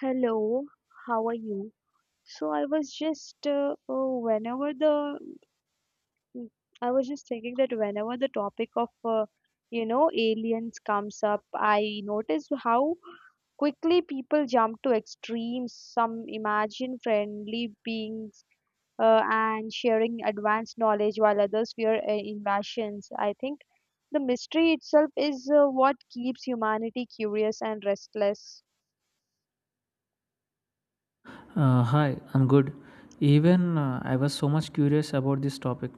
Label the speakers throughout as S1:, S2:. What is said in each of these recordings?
S1: Hello, how are you? So I was just whenever mm, I was just thinking that whenever the topic of aliens comes up, I notice how quickly people jump to extremes. Some imagine friendly beings and sharing advanced knowledge, while others fear invasions. I think the mystery itself is what keeps humanity curious and restless.
S2: Hi, I'm good. Even I was so much curious about this topic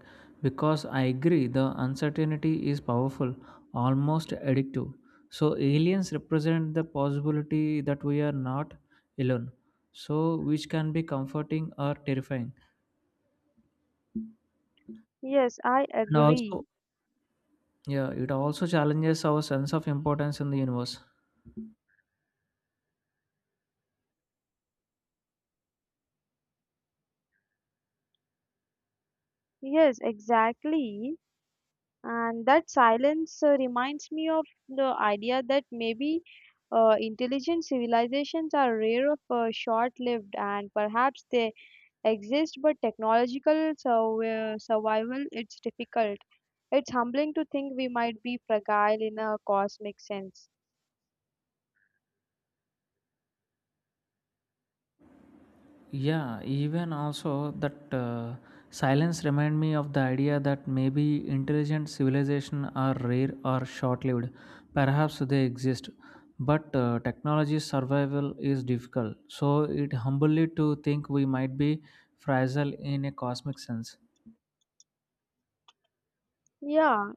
S2: because I agree the uncertainty is powerful, almost addictive. So, aliens represent the possibility that we are not alone, so which can be comforting or terrifying.
S1: Yes, I
S2: And also,
S1: agree.
S2: yeah, it also challenges our sense of importance in the universe.
S1: Yes, exactly. And that silence reminds me of the idea that maybe intelligent civilizations are rare of short-lived and perhaps they exist, but survival, it's difficult. It's humbling to think we might be fragile in a cosmic sense.
S2: Yeah, even also that silence remind me of the idea that maybe intelligent civilization are rare or short-lived. Perhaps they exist, but technology survival is difficult. So it humbly to think we might be fragile in a cosmic sense.
S1: Yeah,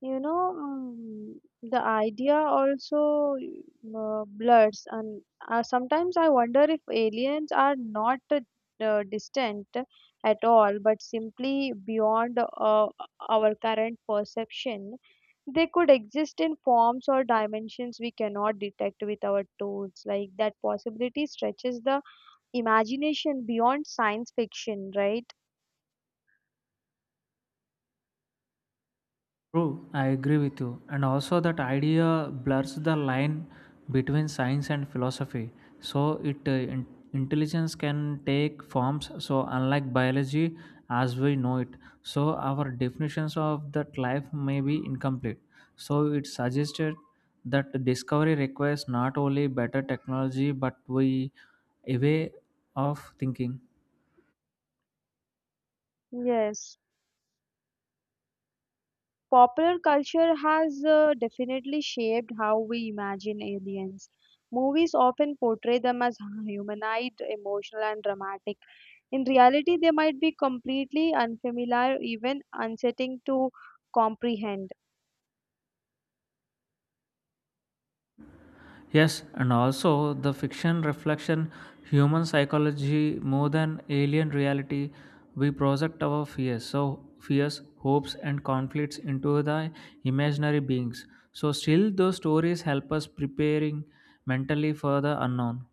S1: you know, mm, the idea also blurs, and sometimes I wonder if aliens are not distant at all, but simply beyond our current perception. They could exist in forms or dimensions we cannot detect with our tools. Like that possibility stretches the imagination beyond science fiction, right?
S2: True, I agree with you. And also, that idea blurs the line between science and philosophy. So, it uh, in- intelligence can take forms. So, unlike biology as we know it, so our definitions of that life may be incomplete. So, it suggested that discovery requires not only better technology but we a way of thinking.
S1: Yes. Popular culture has definitely shaped how we imagine aliens. Movies often portray them as humanized, emotional, and dramatic. In reality, they might be completely unfamiliar, even unsettling to comprehend.
S2: Yes, and also the fiction reflection human psychology more than alien reality. We project our fears, so fears, hopes, and conflicts into the imaginary beings. So still, those stories help us preparing mentally for the unknown.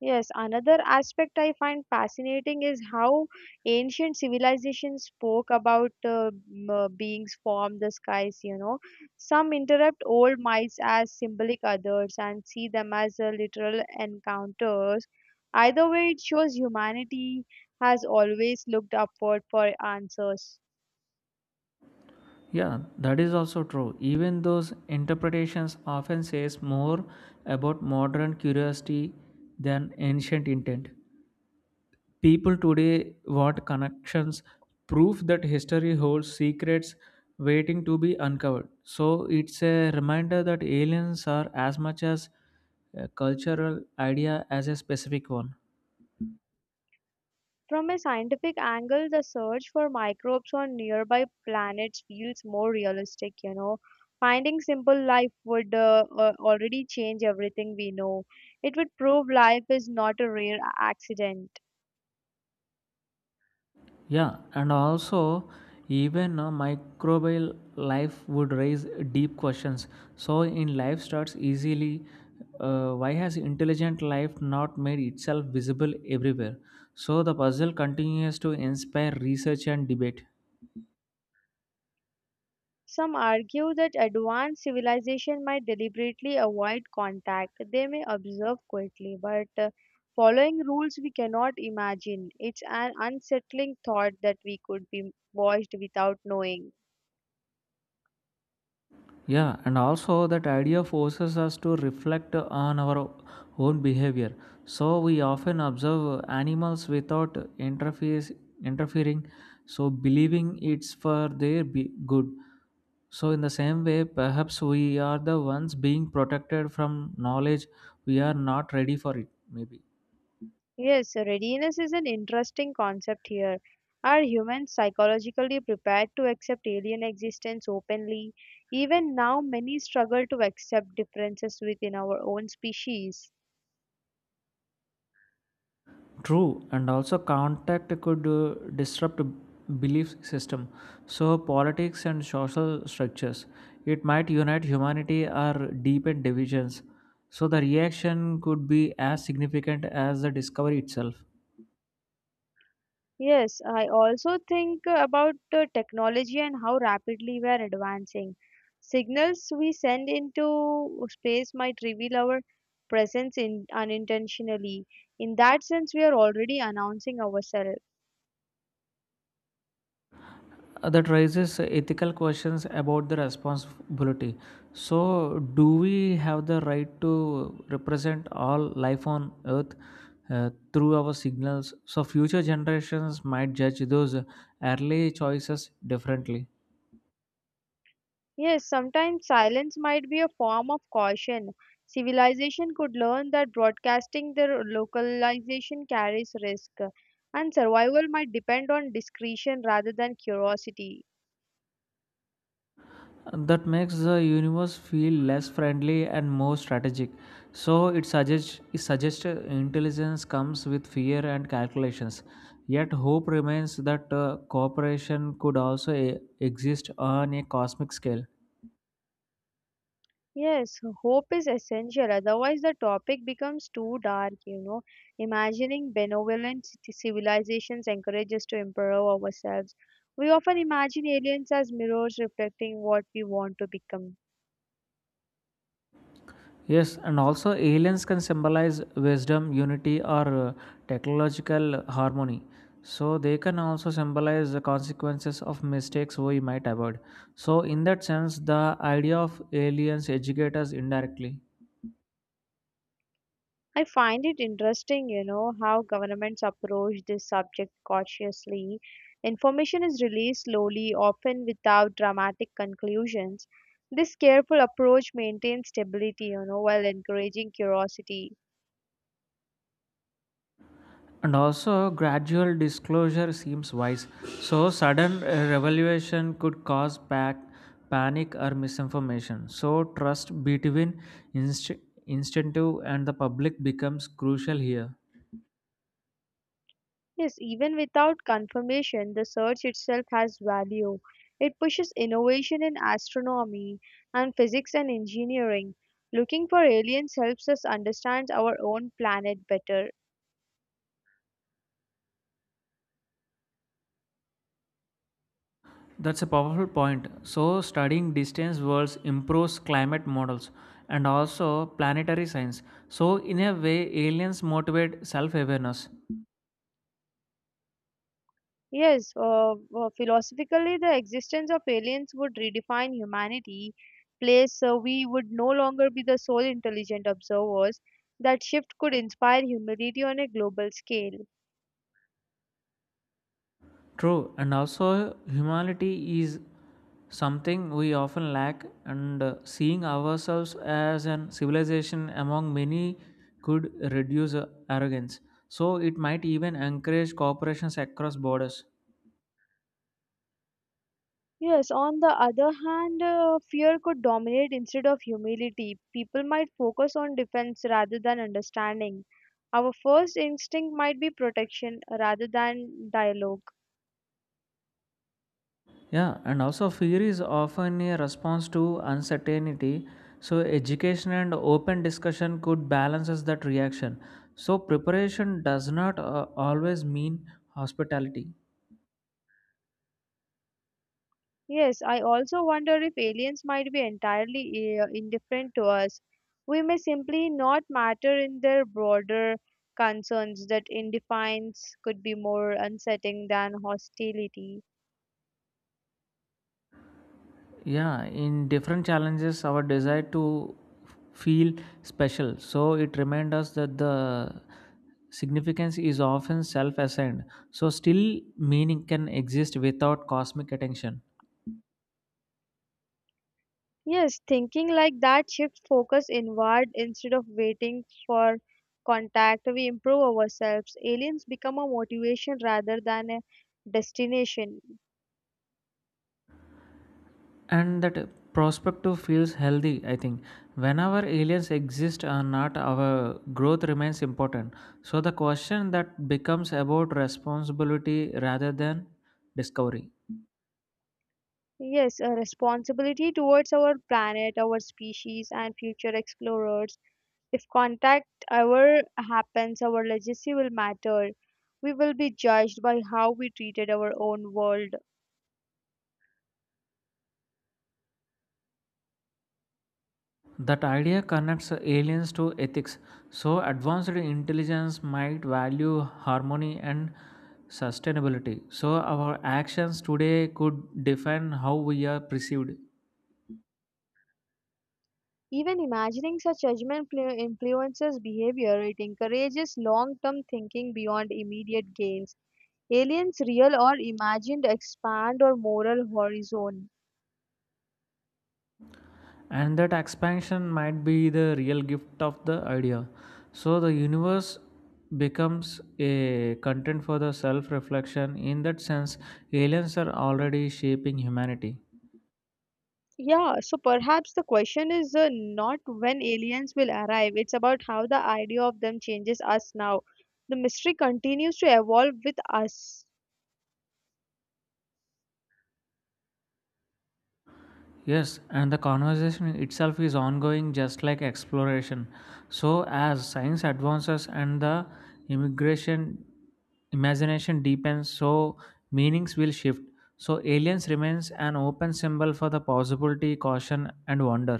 S1: Yes, another aspect I find fascinating is how ancient civilizations spoke about beings from the skies, you know. Some interpret old myths as symbolic others and see them as literal encounters. Either way, it shows humanity has always looked upward for answers.
S2: Yeah, that is also true. Even those interpretations often says more about modern curiosity than ancient intent. People today want connections, proof that history holds secrets waiting to be uncovered. So it's a reminder that aliens are as much as a cultural idea as a specific one.
S1: From a scientific angle, the search for microbes on nearby planets feels more realistic, you know. Finding simple life would already change everything we know. It would prove life is not a accident.
S2: Yeah, and also even a microbial life would raise deep questions. So in life starts easily. Why has intelligent life not made itself visible everywhere? So the puzzle continues to inspire research and debate.
S1: Some argue that advanced civilization might deliberately avoid contact. They may observe quietly, but following rules we cannot imagine. It's an unsettling thought that we could be watched without knowing.
S2: Yeah, and also that idea forces us to reflect on our own behavior. So we often observe animals without interface interfering, so believing it's for their good. So in the same way, perhaps we are the ones being protected from knowledge we are not ready for it. Maybe.
S1: Yes, so readiness is an interesting concept here. Are humans psychologically prepared to accept alien existence openly? Even now, many struggle to accept differences within our own species.
S2: True, and also contact could disrupt belief system. So politics and social structures. It might unite humanity or deepen divisions. So the reaction could be as significant as the discovery itself.
S1: Yes, I also think about the technology and how rapidly we are advancing. Signals we send into space might reveal our presence in, unintentionally. In that sense, we are already announcing ourselves.
S2: That raises ethical questions about the responsibility. So, do we have the right to represent all life on Earth through our signals? So, future generations might judge those early choices differently.
S1: Yes, sometimes silence might be a form of caution. Civilization could learn that broadcasting their localization carries risk, and survival might depend on discretion rather than curiosity.
S2: That makes the universe feel less friendly and more strategic. So it suggests intelligence comes with fear and calculations. Yet hope remains that cooperation could also exist on a cosmic scale.
S1: Yes, hope is essential, otherwise, the topic becomes too dark, you know. Imagining civilizations encourages us to improve ourselves. We often imagine aliens as mirrors reflecting what we want to become.
S2: Yes, and also aliens can symbolize wisdom, unity, or technological harmony. So they can also symbolize the consequences of mistakes we might avoid. So in that sense, the idea of aliens educate us indirectly.
S1: I find it interesting, you know, how governments approach this subject cautiously. Information is released slowly, often without dramatic conclusions. This careful approach maintains stability, you know, while encouraging curiosity.
S2: And also, gradual disclosure seems wise. So sudden revelation could cause panic or misinformation. So trust between inst- instinctive and the public becomes crucial here.
S1: Yes, even without confirmation, the search itself has value. It pushes innovation in astronomy and physics and engineering. Looking for aliens helps us understand our own planet better.
S2: That's a powerful point. So, studying distant worlds improves climate models and also planetary science. So, in a way, aliens motivate self awareness.
S1: Yes, philosophically, the existence of aliens would redefine humanity, place we would no longer be the sole intelligent observers. That shift could inspire humility on a global scale.
S2: True, and also humanity is something we often lack, and seeing ourselves as an civilization among many could reduce arrogance. So, it might even encourage cooperations across borders.
S1: Yes, on the other hand, fear could dominate instead of humility. People might focus on defense rather than understanding. Our first instinct might be protection rather than dialogue.
S2: Yeah, and also fear is often a response to uncertainty. So, education and open discussion could balance us that reaction. So, preparation does not always mean hospitality.
S1: Yes, I also wonder if aliens might be entirely indifferent to us. We may simply not matter in their broader concerns that indifference could be more unsettling than hostility.
S2: Yeah, in different challenges, our desire to feel special. So, it reminds us that the significance is often self assigned. So, still meaning can exist without cosmic attention.
S1: Yes, thinking like that shifts focus inward instead of waiting for contact. We improve ourselves. Aliens become a motivation rather than a destination.
S2: And that prospective feels healthy, I think. Whenever aliens exist or not, our growth remains important. So the question that becomes about responsibility rather than discovery.
S1: Yes, a responsibility towards our planet, our species, and future explorers. If contact ever happens, our legacy will matter. We will be judged by how we treated our own world.
S2: That idea connects aliens to ethics. So advanced intelligence might value harmony and sustainability, so our actions today could define how we are perceived.
S1: Even imagining such influences behavior, it encourages long term thinking beyond immediate gains. Aliens, real or imagined, expand our moral horizon.
S2: And that expansion might be the real gift of the idea. So the universe becomes a content for the self reflection. In that sense, aliens are already shaping humanity.
S1: Yeah, so perhaps the question is not when aliens will arrive, it's about how the idea of them changes us now. The mystery continues to evolve with us.
S2: Yes, and the conversation itself is ongoing, just like exploration. So as science advances and the immigration imagination deepens, so meanings will shift. So aliens remains an open symbol for the possibility, caution and wonder.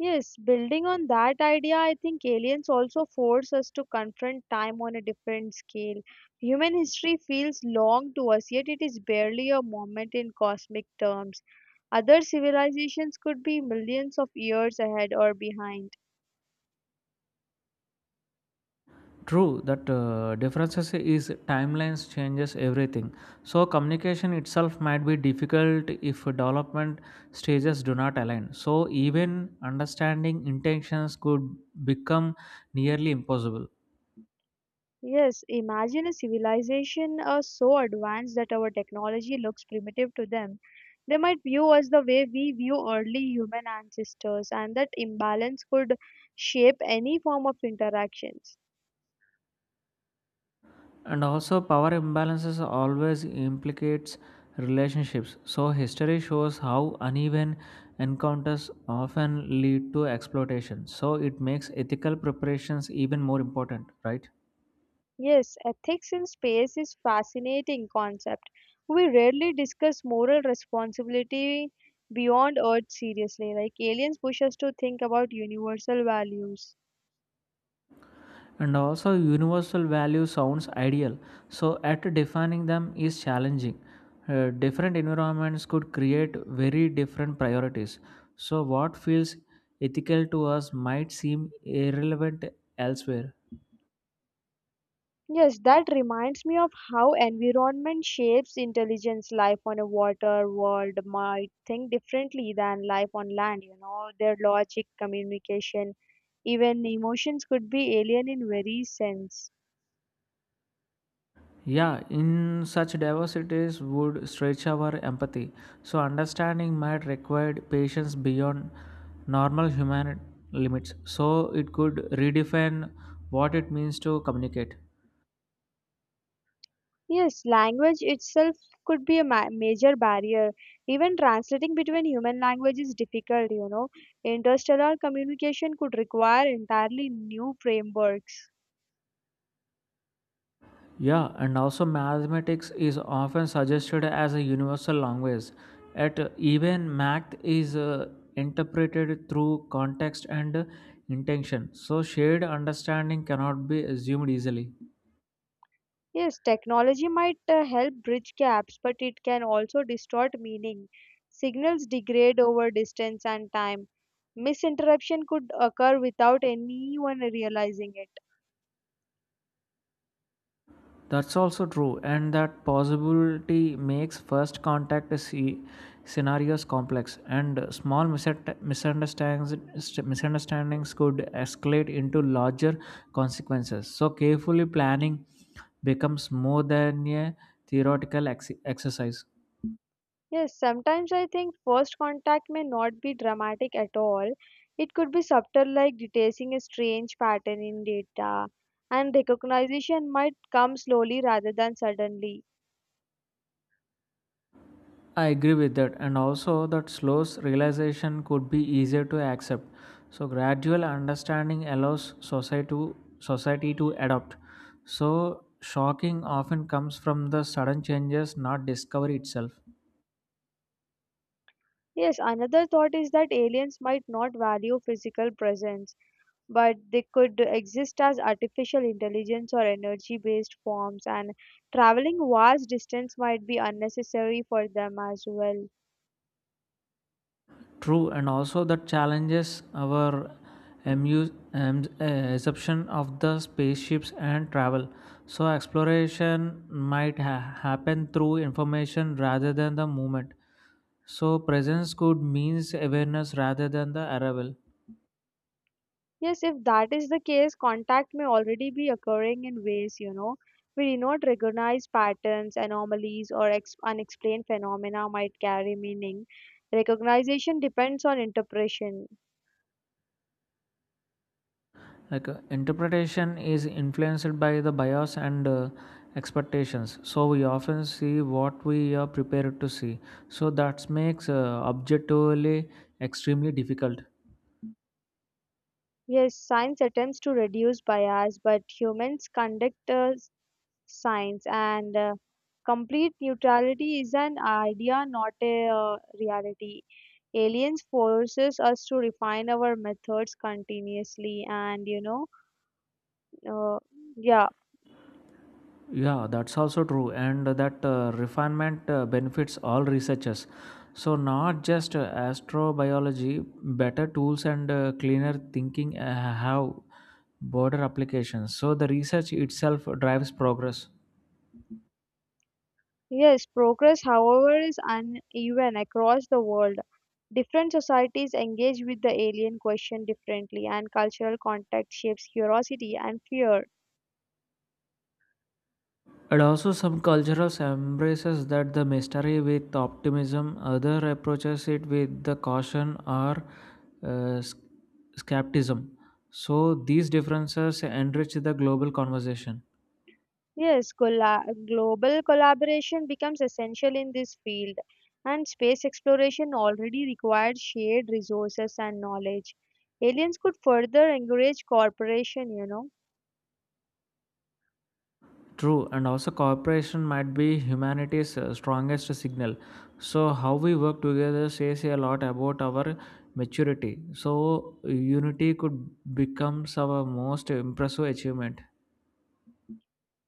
S1: Yes, building on that idea, I think aliens also force us to confront time on a different scale. Human history feels long to us, yet it is barely a moment in cosmic terms. Other civilizations could be millions of years ahead or behind.
S2: True, that differences is timelines changes everything. So communication itself might be difficult if development stages do not align. So even understanding intentions could become nearly impossible.
S1: Yes, imagine a civilization so advanced that our technology looks primitive to them. They might view us the way we view early human ancestors, and that imbalance could shape any form of interaction.
S2: And also power imbalances always implicates relationships. So history shows how uneven encounters often lead to exploitation. So it makes ethical preparations even more important, right?
S1: Yes, ethics in space is fascinating concept. We rarely discuss moral responsibility beyond Earth seriously. Like aliens push us to think about universal values.
S2: And also, universal value sounds ideal, so at defining them is challenging. Different environments could create very different priorities. So, what feels ethical to us might seem irrelevant elsewhere.
S1: Yes, that reminds me of how environment shapes intelligence. Life on a water world might think differently than life on land, you know, their logic, communication, even emotions could be alien in very sense.
S2: Yeah, in such diversities would stretch our empathy. So, understanding might require patience beyond normal human limits. So, it could redefine what it means to communicate.
S1: Yes, language itself could be a major barrier. Even translating between human language is difficult, you know. Interstellar communication could require entirely new frameworks.
S2: Yeah, and also mathematics is often suggested as a universal language. Yet even math is interpreted through context and intention. So shared understanding cannot be assumed easily.
S1: Yes, technology might help bridge gaps, but it can also distort meaning. Signals degrade over distance and time. Misinterruption could occur without anyone realizing it.
S2: That's also true, and that possibility makes first contact scenarios complex, and small misunderstandings, misunderstandings could escalate into larger consequences. So, carefully planning becomes more than a theoretical exercise.
S1: Yes, sometimes I think first contact may not be dramatic at all. It could be subtle, like detecting a strange pattern in data, and recognition might come slowly rather than suddenly.
S2: I agree with that, and also that slow realization could be easier to accept. So gradual understanding allows society to adopt. So shocking often comes from the sudden changes, not discovery itself.
S1: Yes, another thought is that aliens might not value physical presence, but they could exist as artificial intelligence or energy based forms, and traveling vast distance might be unnecessary for them as well.
S2: True, and also that challenges our assumption of the spaceships and travel. So exploration might happen through information rather than the movement. So presence could means awareness rather than the arrival.
S1: Yes, if that is the case, contact may already be occurring in ways, you know, we do not recognize patterns, anomalies, or unexplained phenomena might carry meaning. Recognition depends on interpretation.
S2: Like interpretation is influenced by the bias and expectations. So we often see what we are prepared to see. So that makes objectively extremely difficult.
S1: Yes, science attempts to reduce bias, but humans conduct science, and complete neutrality is an idea, not a reality. Aliens forces us to refine our methods continuously, and Uh, yeah,
S2: Yeah, that's also true, and that refinement benefits all researchers. So, not just astrobiology, better tools and cleaner thinking have broader applications. So, the research itself drives progress.
S1: yes, progress, however, is uneven across the world. Different societies engage with the alien question differently, and cultural context shapes curiosity and fear.
S2: And also, some cultures embraces that the mystery with optimism, other approaches it with the caution or uh, sc- skepticism. So, these differences enrich the global conversation.
S1: Yes, global collaboration becomes essential in this field, and space exploration already requires shared resources and knowledge. Aliens could further encourage cooperation, you know.
S2: True, and also cooperation might be humanity's strongest signal. So, how we work together says a lot about our maturity. So, unity could becomes our most impressive achievement.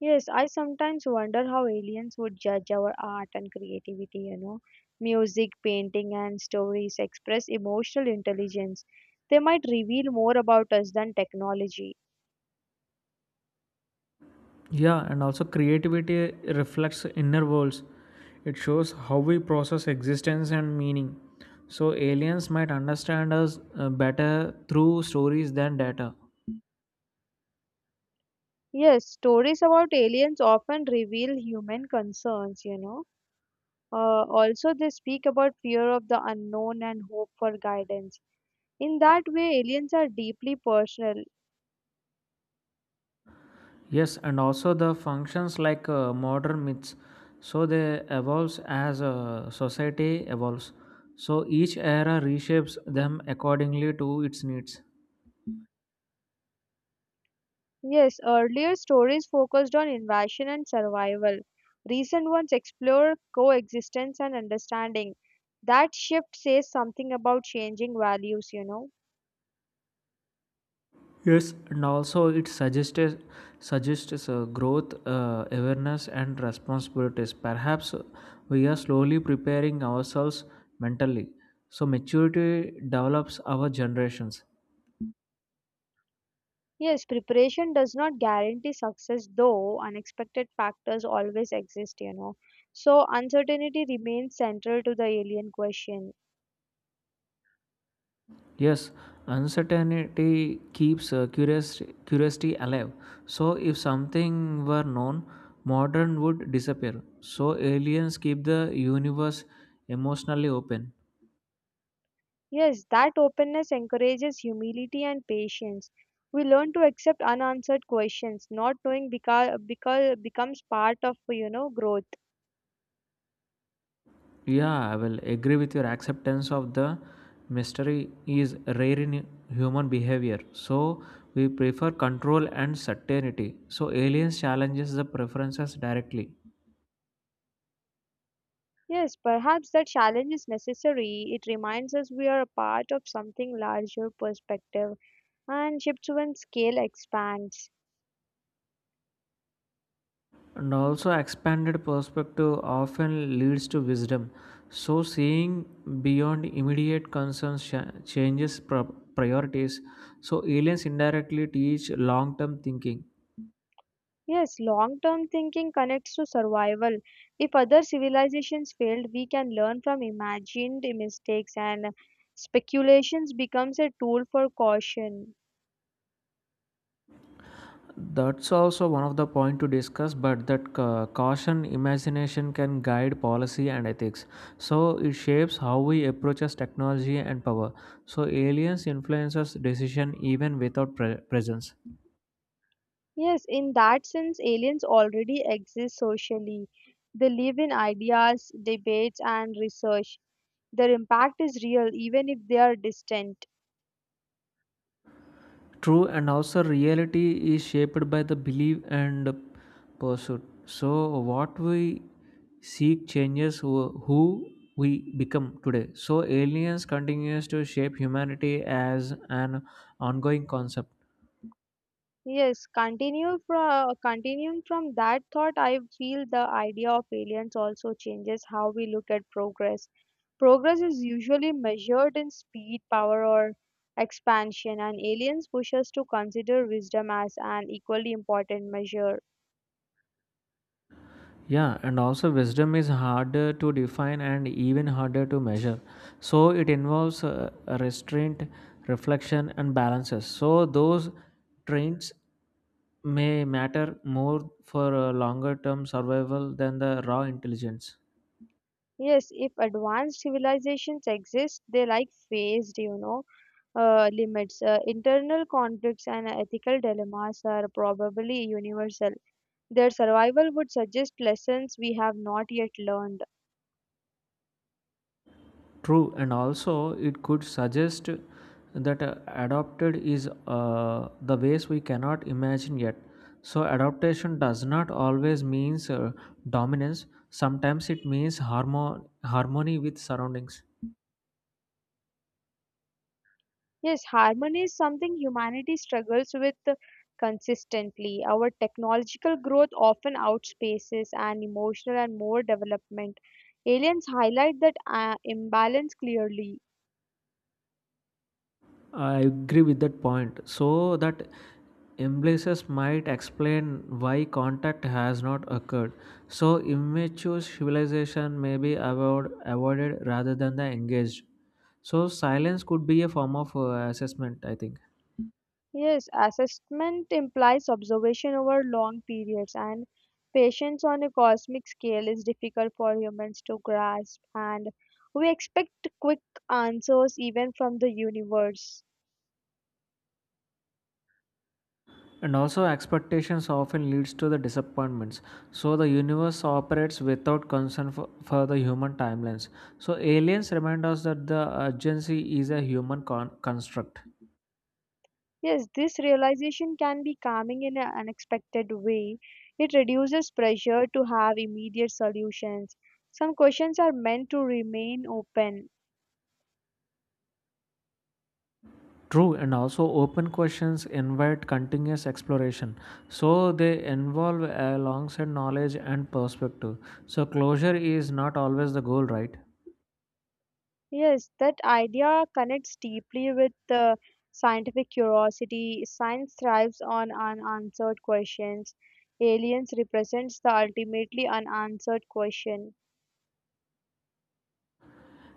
S1: Yes, I sometimes wonder how aliens would judge our art and creativity, you know. Music, painting, and stories express emotional intelligence. They might reveal more about us than technology.
S2: Yeah, and also creativity reflects inner worlds. It shows how we process existence and meaning. So, aliens might understand us better through stories than data.
S1: Yes, stories about aliens often reveal human concerns, you know. Also, they speak about fear of the unknown and hope for guidance. In that way, aliens are deeply personal.
S2: Yes, and also the functions like modern myths. So they evolves as a society evolves. So each era reshapes them accordingly to its needs.
S1: Yes, earlier stories focused on invasion and survival. Recent ones explore coexistence and understanding. That shift says something about changing values, you know.
S2: Yes, and also it suggests growth, awareness, and responsibilities. Perhaps we are slowly preparing ourselves mentally. So maturity develops our generations.
S1: Yes, preparation does not guarantee success, though unexpected factors always exist, you know. So, uncertainty remains central to the alien question.
S2: Yes, uncertainty keeps curiosity alive. So, if something were known, modern would disappear. So, aliens keep the universe emotionally open.
S1: Yes, that openness encourages humility and patience. We learn to accept unanswered questions. Not knowing because becomes part of you know growth.
S2: Yeah, I will agree with your acceptance of the mystery is rare in human behavior. So, we prefer control and certainty. So, aliens challenges the preferences directly.
S1: Yes, perhaps that challenge is necessary. It reminds us we are a part of something larger perspective and shifts when scale expands.
S2: And also, expanded perspective often leads to wisdom. So, seeing beyond immediate concerns changes priorities. So, aliens indirectly teach long term thinking.
S1: Yes, long term thinking connects to survival. If other civilizations failed, we can learn from imagined mistakes and speculations becomes a tool for caution.
S2: That's also one of the point to discuss, but that caution imagination can guide policy and ethics. So it shapes how we approaches technology and power. So aliens influences decision even without presence.
S1: Yes, in that sense, aliens already exist socially. They live in ideas, debates, and research. Their impact is real, even if they are distant.
S2: True, and also reality is shaped by the belief and pursuit. So, what we seek changes who we become today. So, aliens continues to shape humanity as an ongoing concept.
S1: Yes, continue from continuing from that thought, I feel the idea of aliens also changes how we look at progress. Progress is usually measured in speed, power, or expansion, and aliens push us to consider wisdom as an equally important measure.
S2: Yeah, and also wisdom is harder to define and even harder to measure. So, it involves restraint, reflection, and balances. So, those traits may matter more for a longer term survival than the raw intelligence.
S1: Yes, if advanced civilizations exist, they like faced, you know, limits. Internal conflicts and ethical dilemmas are probably universal. Their survival would suggest lessons we have not yet learned.
S2: True, and also it could suggest that adopted is the ways we cannot imagine yet. So, adaptation does not always means dominance. Sometimes it means harmony with surroundings.
S1: Yes, harmony is something humanity struggles with consistently. Our technological growth often outspaces and emotional and more development. Aliens highlight that imbalance clearly.
S2: I agree with that point. So that embraces might explain why contact has not occurred. So immature civilization may be avoided rather than the engaged. So silence could be a form of assessment, I think.
S1: Yes, assessment implies observation over long periods, and patience on a cosmic scale is difficult for humans to grasp, and we expect quick answers even from the universe.
S2: And also expectations often leads to the disappointments. So the universe operates without concern for the human timelines. So aliens remind us that the urgency is a human construct.
S1: Yes, this realization can be calming in an unexpected way. It reduces pressure to have immediate solutions. Some questions are meant to remain open.
S2: True, and also open questions invite continuous exploration. So they involve alongside knowledge and perspective. So closure is not always the goal, right?
S1: Yes, that idea connects deeply with scientific curiosity. Science thrives on unanswered questions. Aliens represents the ultimately unanswered question.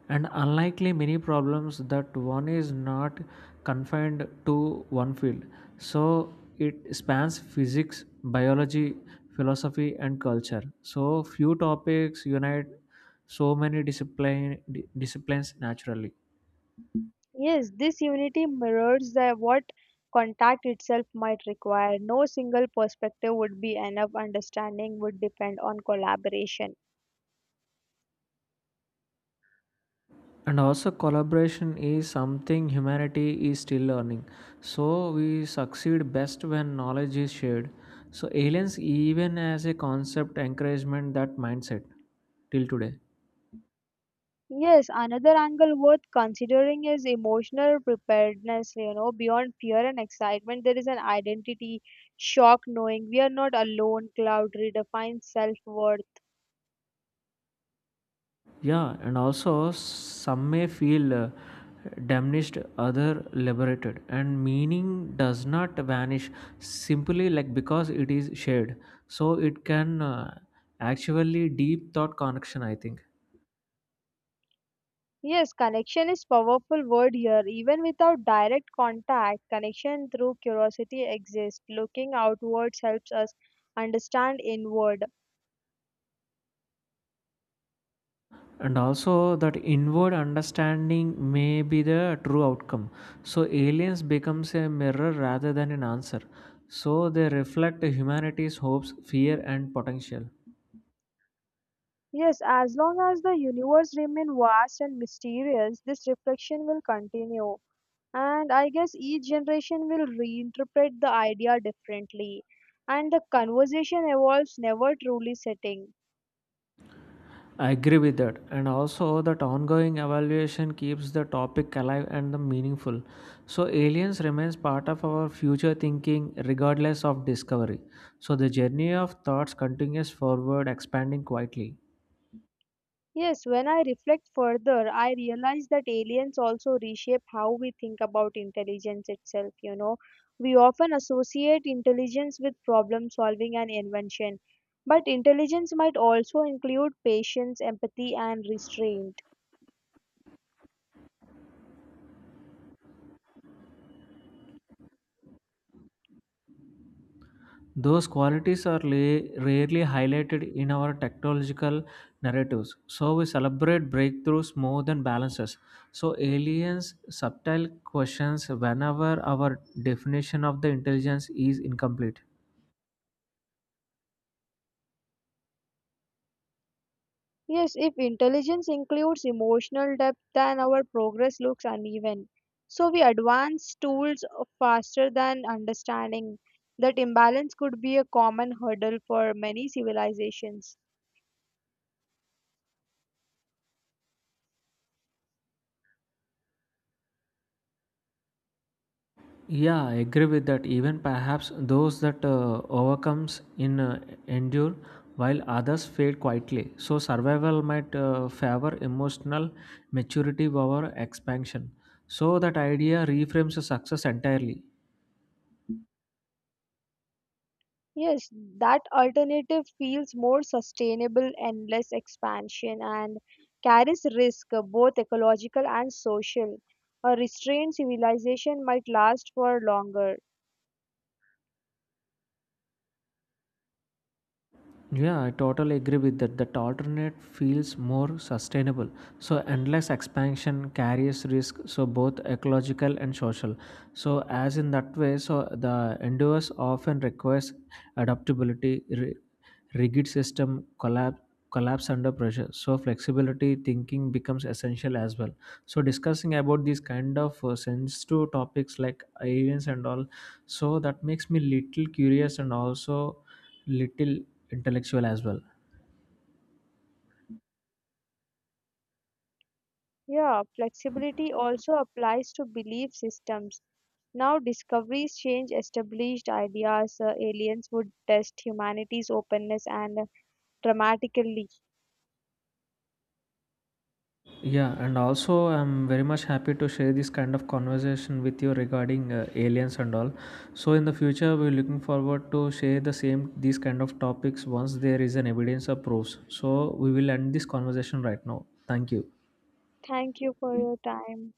S2: And unlikely many problems that one is not confined to one field. So it spans physics, biology, philosophy, and culture. So few topics unite so many disciplines naturally.
S1: Yes, this unity mirrors the what contact itself might require. No single perspective would be enough. Understanding would depend on collaboration.
S2: And also collaboration is something humanity is still learning. So we succeed best when knowledge is shared. So aliens, even as a concept, encouragement that mindset till today.
S1: Yes, another angle worth considering is emotional preparedness. You know, beyond fear and excitement, there is an identity shock knowing we are not alone. Cloud redefines self worth.
S2: Yeah, and also some may feel diminished, other liberated, and meaning does not vanish simply like because it is shared. So it can actually deep thought connection, I think.
S1: Yes, connection is powerful word here. Even without direct contact, connection through curiosity exists. Looking outwards helps us understand inward.
S2: And also, that inward understanding may be the true outcome. So, aliens becomes a mirror rather than an answer. So, they reflect humanity's hopes, fear, and potential.
S1: Yes, as long as the universe remains vast and mysterious, this reflection will continue. And I guess each generation will reinterpret the idea differently, and the conversation evolves never truly setting.
S2: I agree with that. And also, that ongoing evaluation keeps the topic alive and the meaningful. So, aliens remains part of our future thinking, regardless of discovery. So, the journey of thoughts continues forward, expanding quietly.
S1: Yes, when I reflect further, I realize that aliens also reshape how we think about intelligence itself, you know. We often associate intelligence with problem solving and invention, but intelligence might also include patience, empathy, and restraint.
S2: Those qualities are rarely highlighted in our technological narratives. So we celebrate breakthroughs more than balances. So aliens subtle questions whenever our definition of the intelligence is incomplete.
S1: Yes, if intelligence includes emotional depth, then our progress looks uneven. So we advance tools faster than understanding. That imbalance could be a common hurdle for many civilizations.
S2: Yeah, I agree with that. Even perhaps those that overcomes in endure, while others fade quietly. So survival might favor emotional maturity over expansion. So that idea reframes the success entirely.
S1: Yes, that alternative feels more sustainable and less expansion and carries risk, both ecological and social. A restrained civilization might last for longer.
S2: Yeah, I totally agree with that. That alternate feels more sustainable. So endless expansion carries risk, so both ecological and social. So as in that way, so the endeavors often requires adaptability, rigid system collapse under pressure, so flexibility thinking becomes essential as well. So discussing about these kind of sensitive topics like aliens and all, so that makes me little curious and also little intellectual as well.
S1: Yeah, flexibility also applies to belief systems. Now discoveries change established ideas, aliens would test humanity's openness and dramatically.
S2: Yeah, and also I'm very much happy to share this kind of conversation with you regarding aliens and all. So in the future, we're looking forward to share the same these kind of topics once there is an evidence or proofs. So we will end this conversation right now. Thank you.
S1: Thank you for your time.